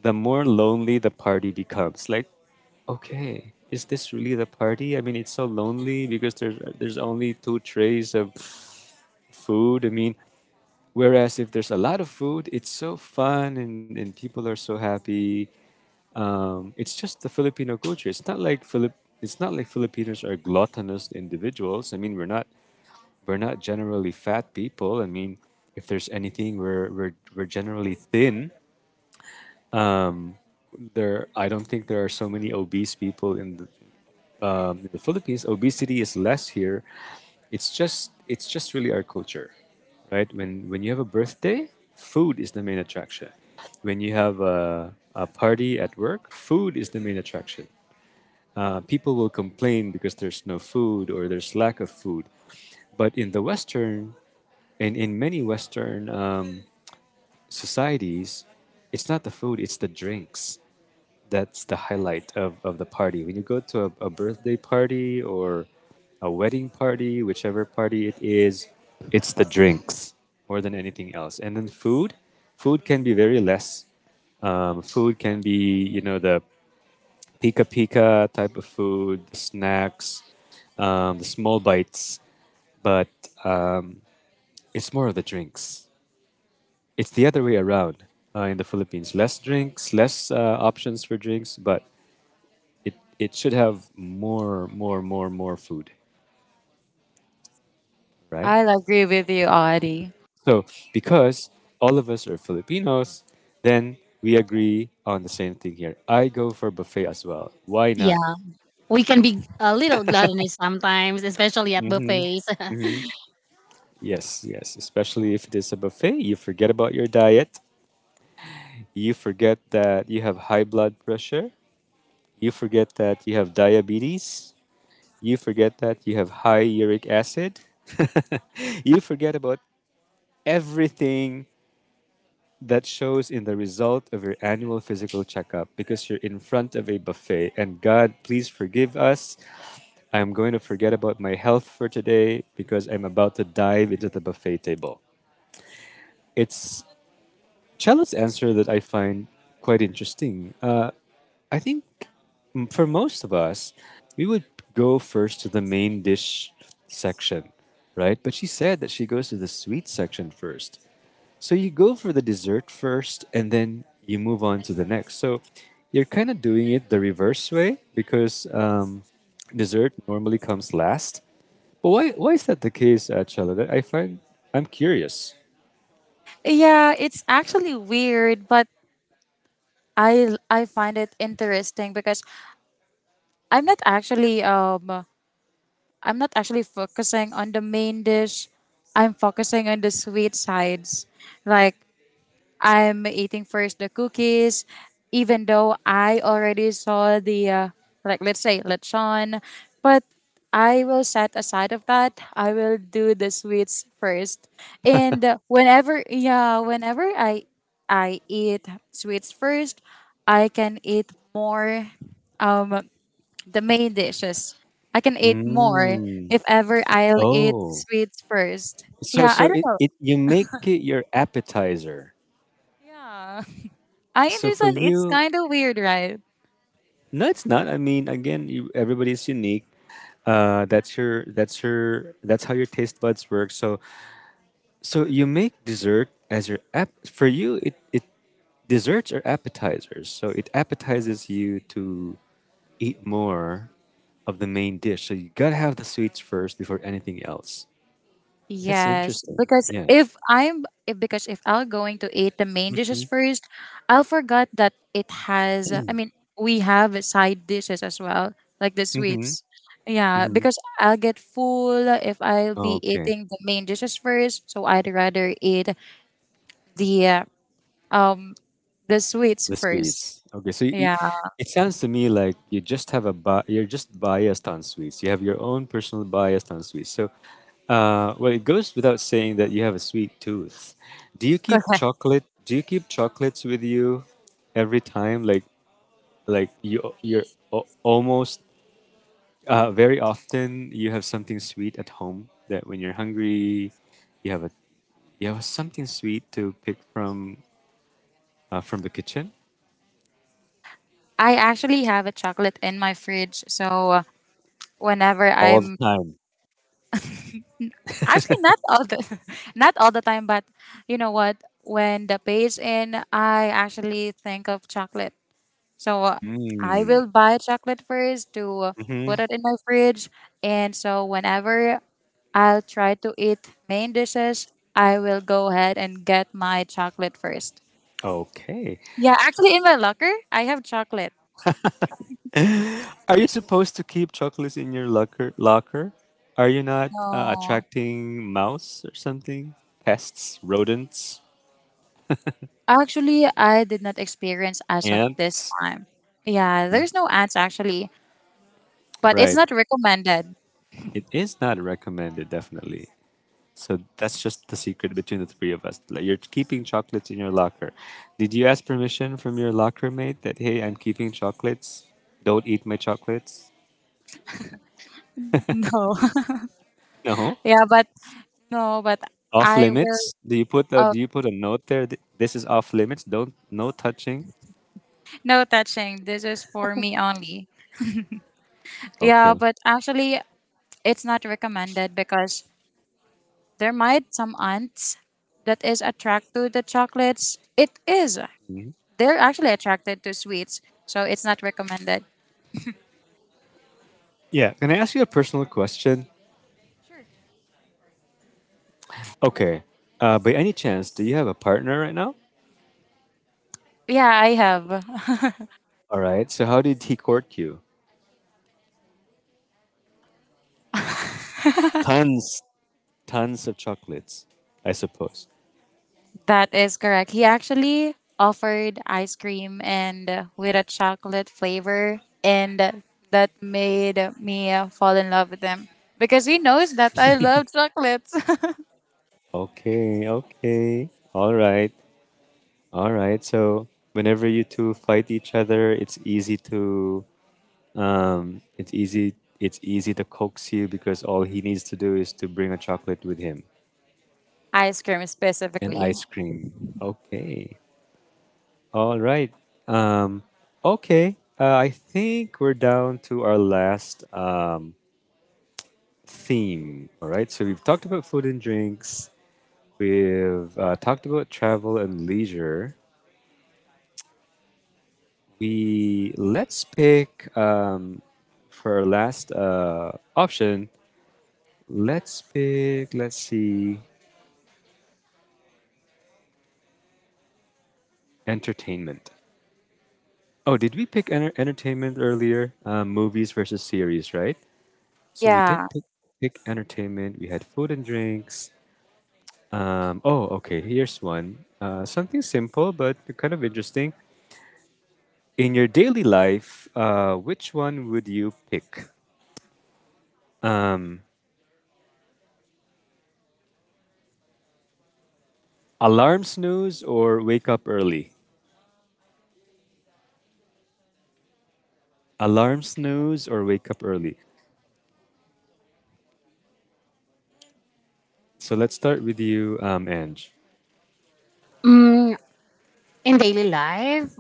the more lonely the party becomes. Like, okay, is this really the party? I mean, it's so lonely because there's only two trays of food. I mean, whereas if there's a lot of food, it's so fun and people are so happy. It's just the Filipino culture. It's not like Philip. It's not like Filipinos are gluttonous individuals. I mean, we're not generally fat people. I mean, if there's anything, we're generally thin. Um, I don't think there are so many obese people in the Philippines. Obesity is less here. It's just really our culture, right? When you have a birthday, food is the main attraction. When you have a party at work, food is the main attraction. People will complain because there's no food or there's lack of food, but in the Western and in many Western societies, it's not the food; it's the drinks that's the highlight of the party. When you go to a birthday party or a wedding party, whichever party it is, it's the drinks more than anything else. And then food can be very less. Food can be, you know, the pika pika type of food, the snacks, the small bites, but um, it's more of the drinks. It's the other way around in the Philippines. Less drinks, less options for drinks, but it should have more food, right?
I agree with you, Audie.
So because all of us are Filipinos, then we agree on the same thing here. I go for buffet as well. Why not?
Yeah. We can be a little gluttonous sometimes, especially at buffets.
Yes, yes, especially if it is a buffet, you forget about your diet, you forget that you have high blood pressure, you forget that you have diabetes, you forget that you have high uric acid. You forget about everything that shows in the result of your annual physical checkup because you're in front of a buffet. And God, please forgive us. I'm going to forget about my health for today because I'm about to dive into the buffet table. It's Chala's answer that I find quite interesting. I think for most of us, we would go first to the main dish section, right? But she said that she goes to the sweet section first. So you go for the dessert first and then you move on to the next. So you're kind of doing it the reverse way because dessert normally comes last. But why is that the case, Chella? That I find I'm curious.
Yeah, it's actually weird, but I find it interesting because I'm not actually um I'm not actually focusing on the main dish. I'm focusing on the sweet sides. Like I'm eating first the cookies, even though I already saw the like let's say lechon, but I will set aside of that. I will do the sweets first, and whenever I eat sweets first, I can eat more um the main dishes. I can eat more
Mm.
if ever I'll eat
Oh.
sweets first.
So
Yeah,
so
I don't
it,
know.
it you make it your appetizer.
Yeah. I
So for
understand it's
you,
kind of weird, right?
no, it's not. I mean, again, you, everybody's unique. That's your that's how your taste buds work. So so you make dessert as your app for you it, it desserts are appetizers. So it appetizes you to eat more of the main dish. So you gotta have the sweets first before anything else. That's
Yes,
interesting.
because
Yeah.
if I'll going to eat the main dishes
Mm-hmm.
first, I'll forget that it has. I mean, we have side dishes as well, like the
Mm-hmm.
sweets. Yeah,
Hmm.
because I'll get full if I'll be
Okay.
eating the main dishes first. So I'd rather eat the uh, um the sweets
The
first.
sweets. Okay, so it,
Yeah,
it sounds to me like you just have you're just biased on sweets. You have your own personal bias on sweets. So, well, it goes without saying that you have a sweet tooth. Do you keep
correct.
chocolate? Do you keep chocolates with you every time? Like almost very often you have something sweet at home that when you're hungry, you have a you have something sweet to pick from the kitchen
I actually have a chocolate in my fridge, so whenever
all the
I'm.
time.
Actually, not all the not all the time, but you know what? When the pay is in, I actually think of chocolate. So I
Mm.
will buy chocolate first to
Mhm.
put it in my fridge, and so whenever I'll try to eat main dishes, I will go ahead and get my chocolate first.
Okay.
Yeah, actually, in my locker, I have chocolate.
Are you supposed to keep chocolates in your locker? Locker? Are you not
No,
attracting mouse or something? Pests, rodents,
actually, I did not experience as of this
ants?
time. Yeah, there's no ads actually, but it's
Right.
not recommended.
It is not recommended, definitely. So that's just the secret between the three of us. Like, you're keeping chocolates in your locker. Did you ask permission from your locker mate that hey, I'm keeping chocolates? Don't eat my chocolates?
No.
No.
Yeah, but no, but
Off
I will
limits? Do you put a,
uh,
do you put a note there? This is off limits. Don't no touching.
no touching. This is for me only. Yeah,
Okay.
but actually it's not recommended because there might some ants that is attracted to the chocolates. It is. They're actually attracted to sweets, so it's not recommended.
Yeah. Can I ask you a personal question?
Sure.
Okay. By any chance, do you have a partner right now?
Yeah, I have.
All right. So how did he court you? Tons, tons of chocolates, I suppose.
That is correct. He actually offered ice cream and with a chocolate flavor, and that made me fall in love with him because he knows that I love chocolates.
Okay, okay. All right. All right. So whenever you two fight each other, it's easy to um, it's easy. It's easy to coax you because all he needs to do is to bring a chocolate with him
ice cream
and
specifically.
ice cream. Okay. All right. Um, okay. I think we're down to our last theme. All right. So we've talked about food and drinks. We've talked about travel and leisure. We let's pick for our last option. Let's pick. Let's see. Entertainment. Oh, did we pick entertainment earlier? Movies versus series, right? So we
Yeah,
did pick entertainment. We had food and drinks. Oh, okay. Here's one. Something simple but kind of interesting. In your daily life, which one would you pick? Alarm snooze or wake up early? Alarm snooze or wake up early? So let's start with you, Ange.
In daily life,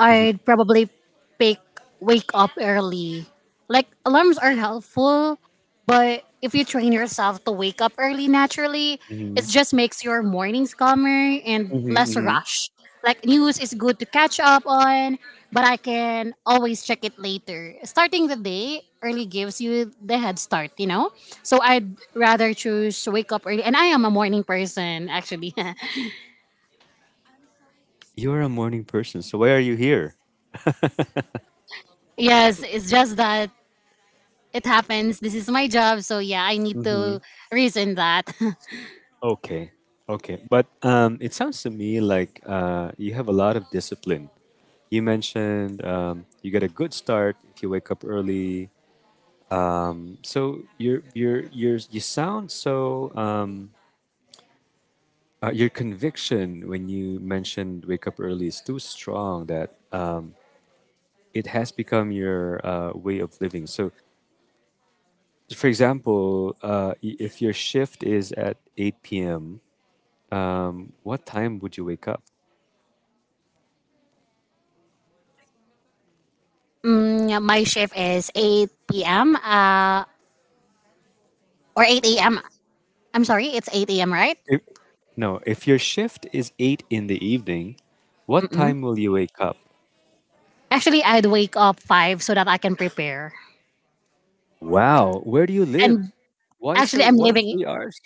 I'd probably pick wake up early. Like alarms are helpful, but if you train yourself to wake up early naturally,
Hmm.
it just makes your mornings calmer and
Hmm.
less
Hmm.
rushed. Like news is good to catch up on, but I can always check it later. Starting the day early gives you the head start, you know? So I'd rather choose wake up early, and I am a morning person actually.
You're a morning person, so why are you here?
Yes, it's just that it happens. This is my job. So yeah, I need to reason that.
Okay, okay. But it sounds to me like you have a lot of discipline. You mentioned you get a good start if you wake up early. So you're you sound so your conviction when you mentioned wake up early is too strong that it has become your way of living. So, for example, if your shift is at eight p.m., what time would you wake up?
Mm, yeah, my shift is 8 p.m. Or 8 a.m. I'm sorry, it's 8 a.m., right?
If, no, if your shift is 8 in the evening, what
Mm-mm.
time will you wake up?
Actually, I'd wake up 5 so that I can prepare.
Wow, where do you live?
And
Why
actually,
so
I'm
why
living.
3 hours?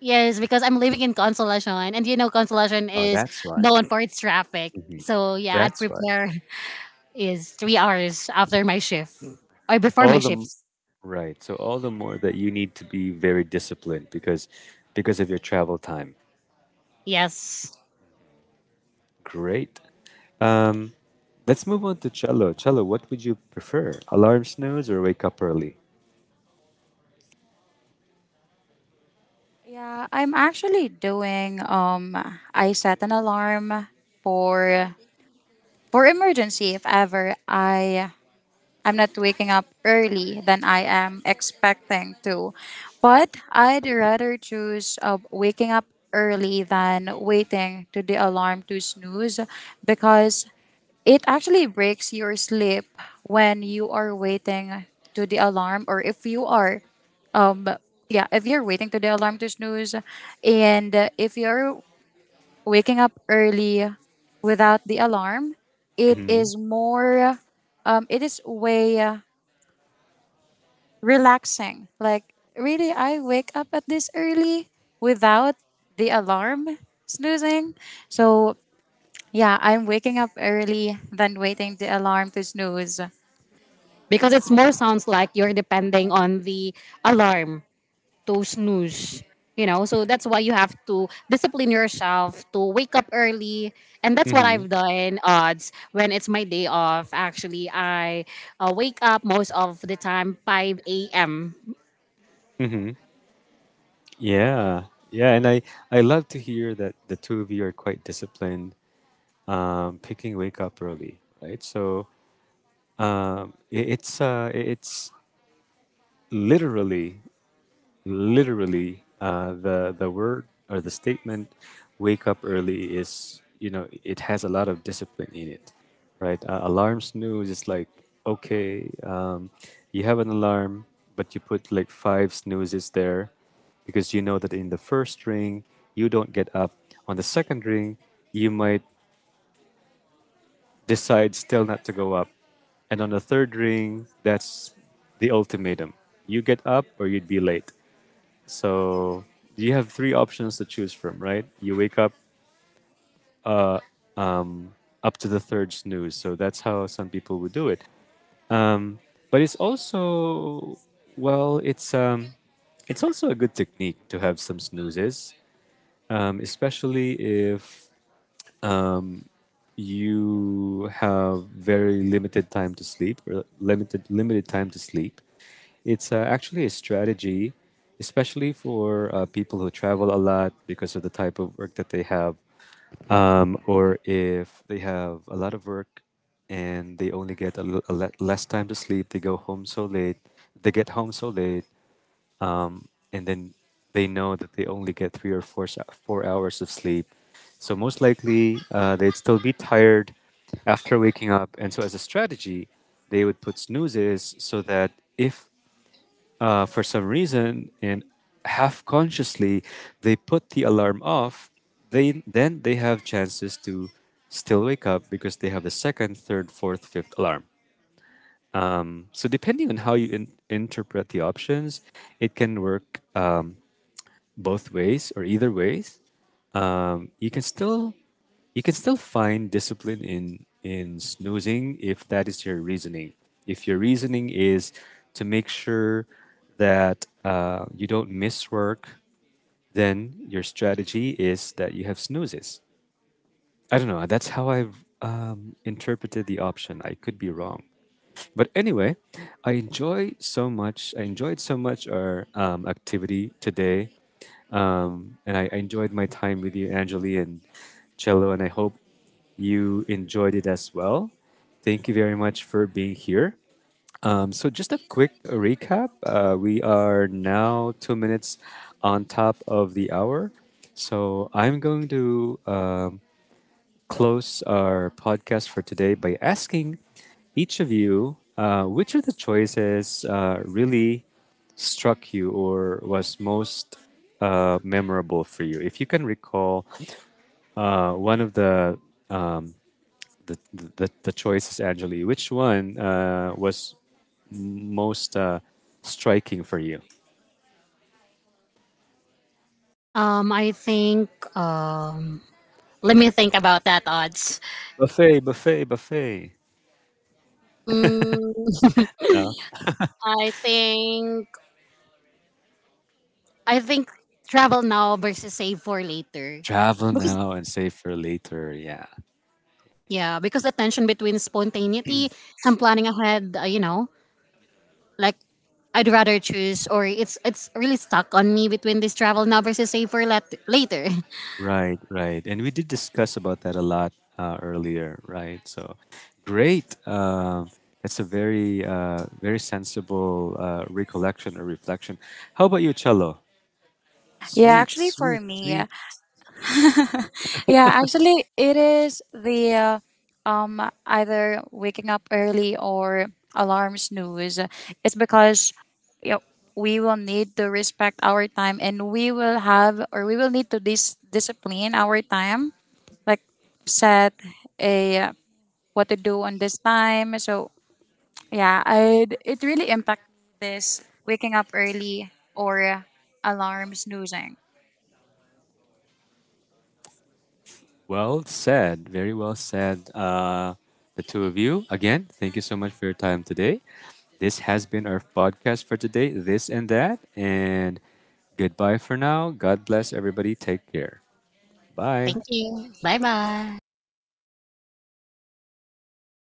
Yes, because I'm living in Consolacion. And you know, Consolacion
Oh,
is
that's why.
known for its traffic. So yeah, I'd
That's why.
prepare is 3 hours after my shift or before
All
my
the m-
shifts.
right. So all the more that you need to be very disciplined because of your travel time.
Yes.
Great. Let's move on to Cello. Cello, what would you prefer? Alarm snooze or wake up early?
yeah. I'm actually doing. I set an alarm for emergency if ever I'm not waking up early than I am expecting to. But I'd rather choose waking up early than waiting to the alarm to snooze because it actually breaks your sleep when you are waiting to the alarm, or um yeah if you're waiting to the alarm to snooze, and if you're waking up early without the alarm, it
Hmm.
is more it is way relaxing. Like, really, I wake up at this early without the alarm snoozing. So, yeah, I'm waking up early, than waiting the alarm to snooze.
Because it's more sounds like you're depending on the alarm to snooze, you know, so that's why you have to discipline yourself to wake up early. And that's what
Hmm.
I've done odds when it's my day off. Actually, I wake up most of the time 5 a.m.
Yeah, yeah, and I love to hear that the two of you are quite disciplined picking wake up early, right? So it's it's literally literally the word or the statement "wake up early" is, you know, it has a lot of discipline in it, right? Alarm snooze is like okay, you have an alarm, but you put like five snoozes there because you know that in the first ring you don't get up, on the second ring you might decides still not to go up. And on the third ring, that's the ultimatum. You get up or you'd be late. So you have three options to choose from, right? You wake up uh, um, up to the third snooze. So that's how some people would do it. But it's also, well, it's also a good technique to have some snoozes, especially if you have very limited time to sleep or limited time to sleep. It's actually a strategy especially for people who travel a lot because of the type of work that they have or if they have a lot of work and they only get a, l- a le- less time to sleep, they go home so late, they get home so late, and then they know that they only get three or 4 hours of sleep. So most likely, they'd still be tired after waking up. And so, as a strategy, they would put snoozes so that if for some reason and half consciously they put the alarm off, they then they have chances to still wake up because they have the second, third, fourth, fifth alarm. So depending on how you interpret the options, it can work. Both ways or either ways, um, you can still you can still find discipline in snoozing if that is your reasoning. If your reasoning is to make sure that you don't miss work, then your strategy is that you have snoozes. I don't know. That's how I've interpreted the option. I could be wrong. But anyway, I enjoyed so much our activity today. And I enjoyed my time with you, Anjali and Cello, and I hope you enjoyed it as well. Thank you very much for being here. So, just a quick recap we are now 2 minutes on top of the hour. So, I'm going to close our podcast for today by asking each of you which of the choices really struck you or was most memorable for you. If you can recall one of the um, the choices, Anjali, which one was most striking for you?
I think um let me think about that odds.
Buffet, buffet, buffet.
mm,
No?
i think I think travel now versus save for later
Travel
because.
now and save for later. Yeah.
Yeah, because the tension between spontaneity and planning ahead, you know, like I'd rather choose, or it's really stuck on me between this travel now versus save for later.
Right, right. And we did discuss about that a lot earlier, right? So great. Um, that's a very, very sensible recollection or reflection. How about you, Cello?
Yeah,
Sweet,
actually, for
sweet,
me,
sweet.
yeah, actually, it is the uh, um either waking up early or alarm snooze. It's because you know, we will need to respect our time, and we will have or we will need to discipline our time, like set a what to do on this time. So yeah, I it really impact this waking up early or alarm snoozing.
Well said. Very well said. The two of you, again, thank you so much for your time today. This has been our podcast for today, this and that. And goodbye for now. God bless everybody. Take care. Bye.
Thank you. Bye bye.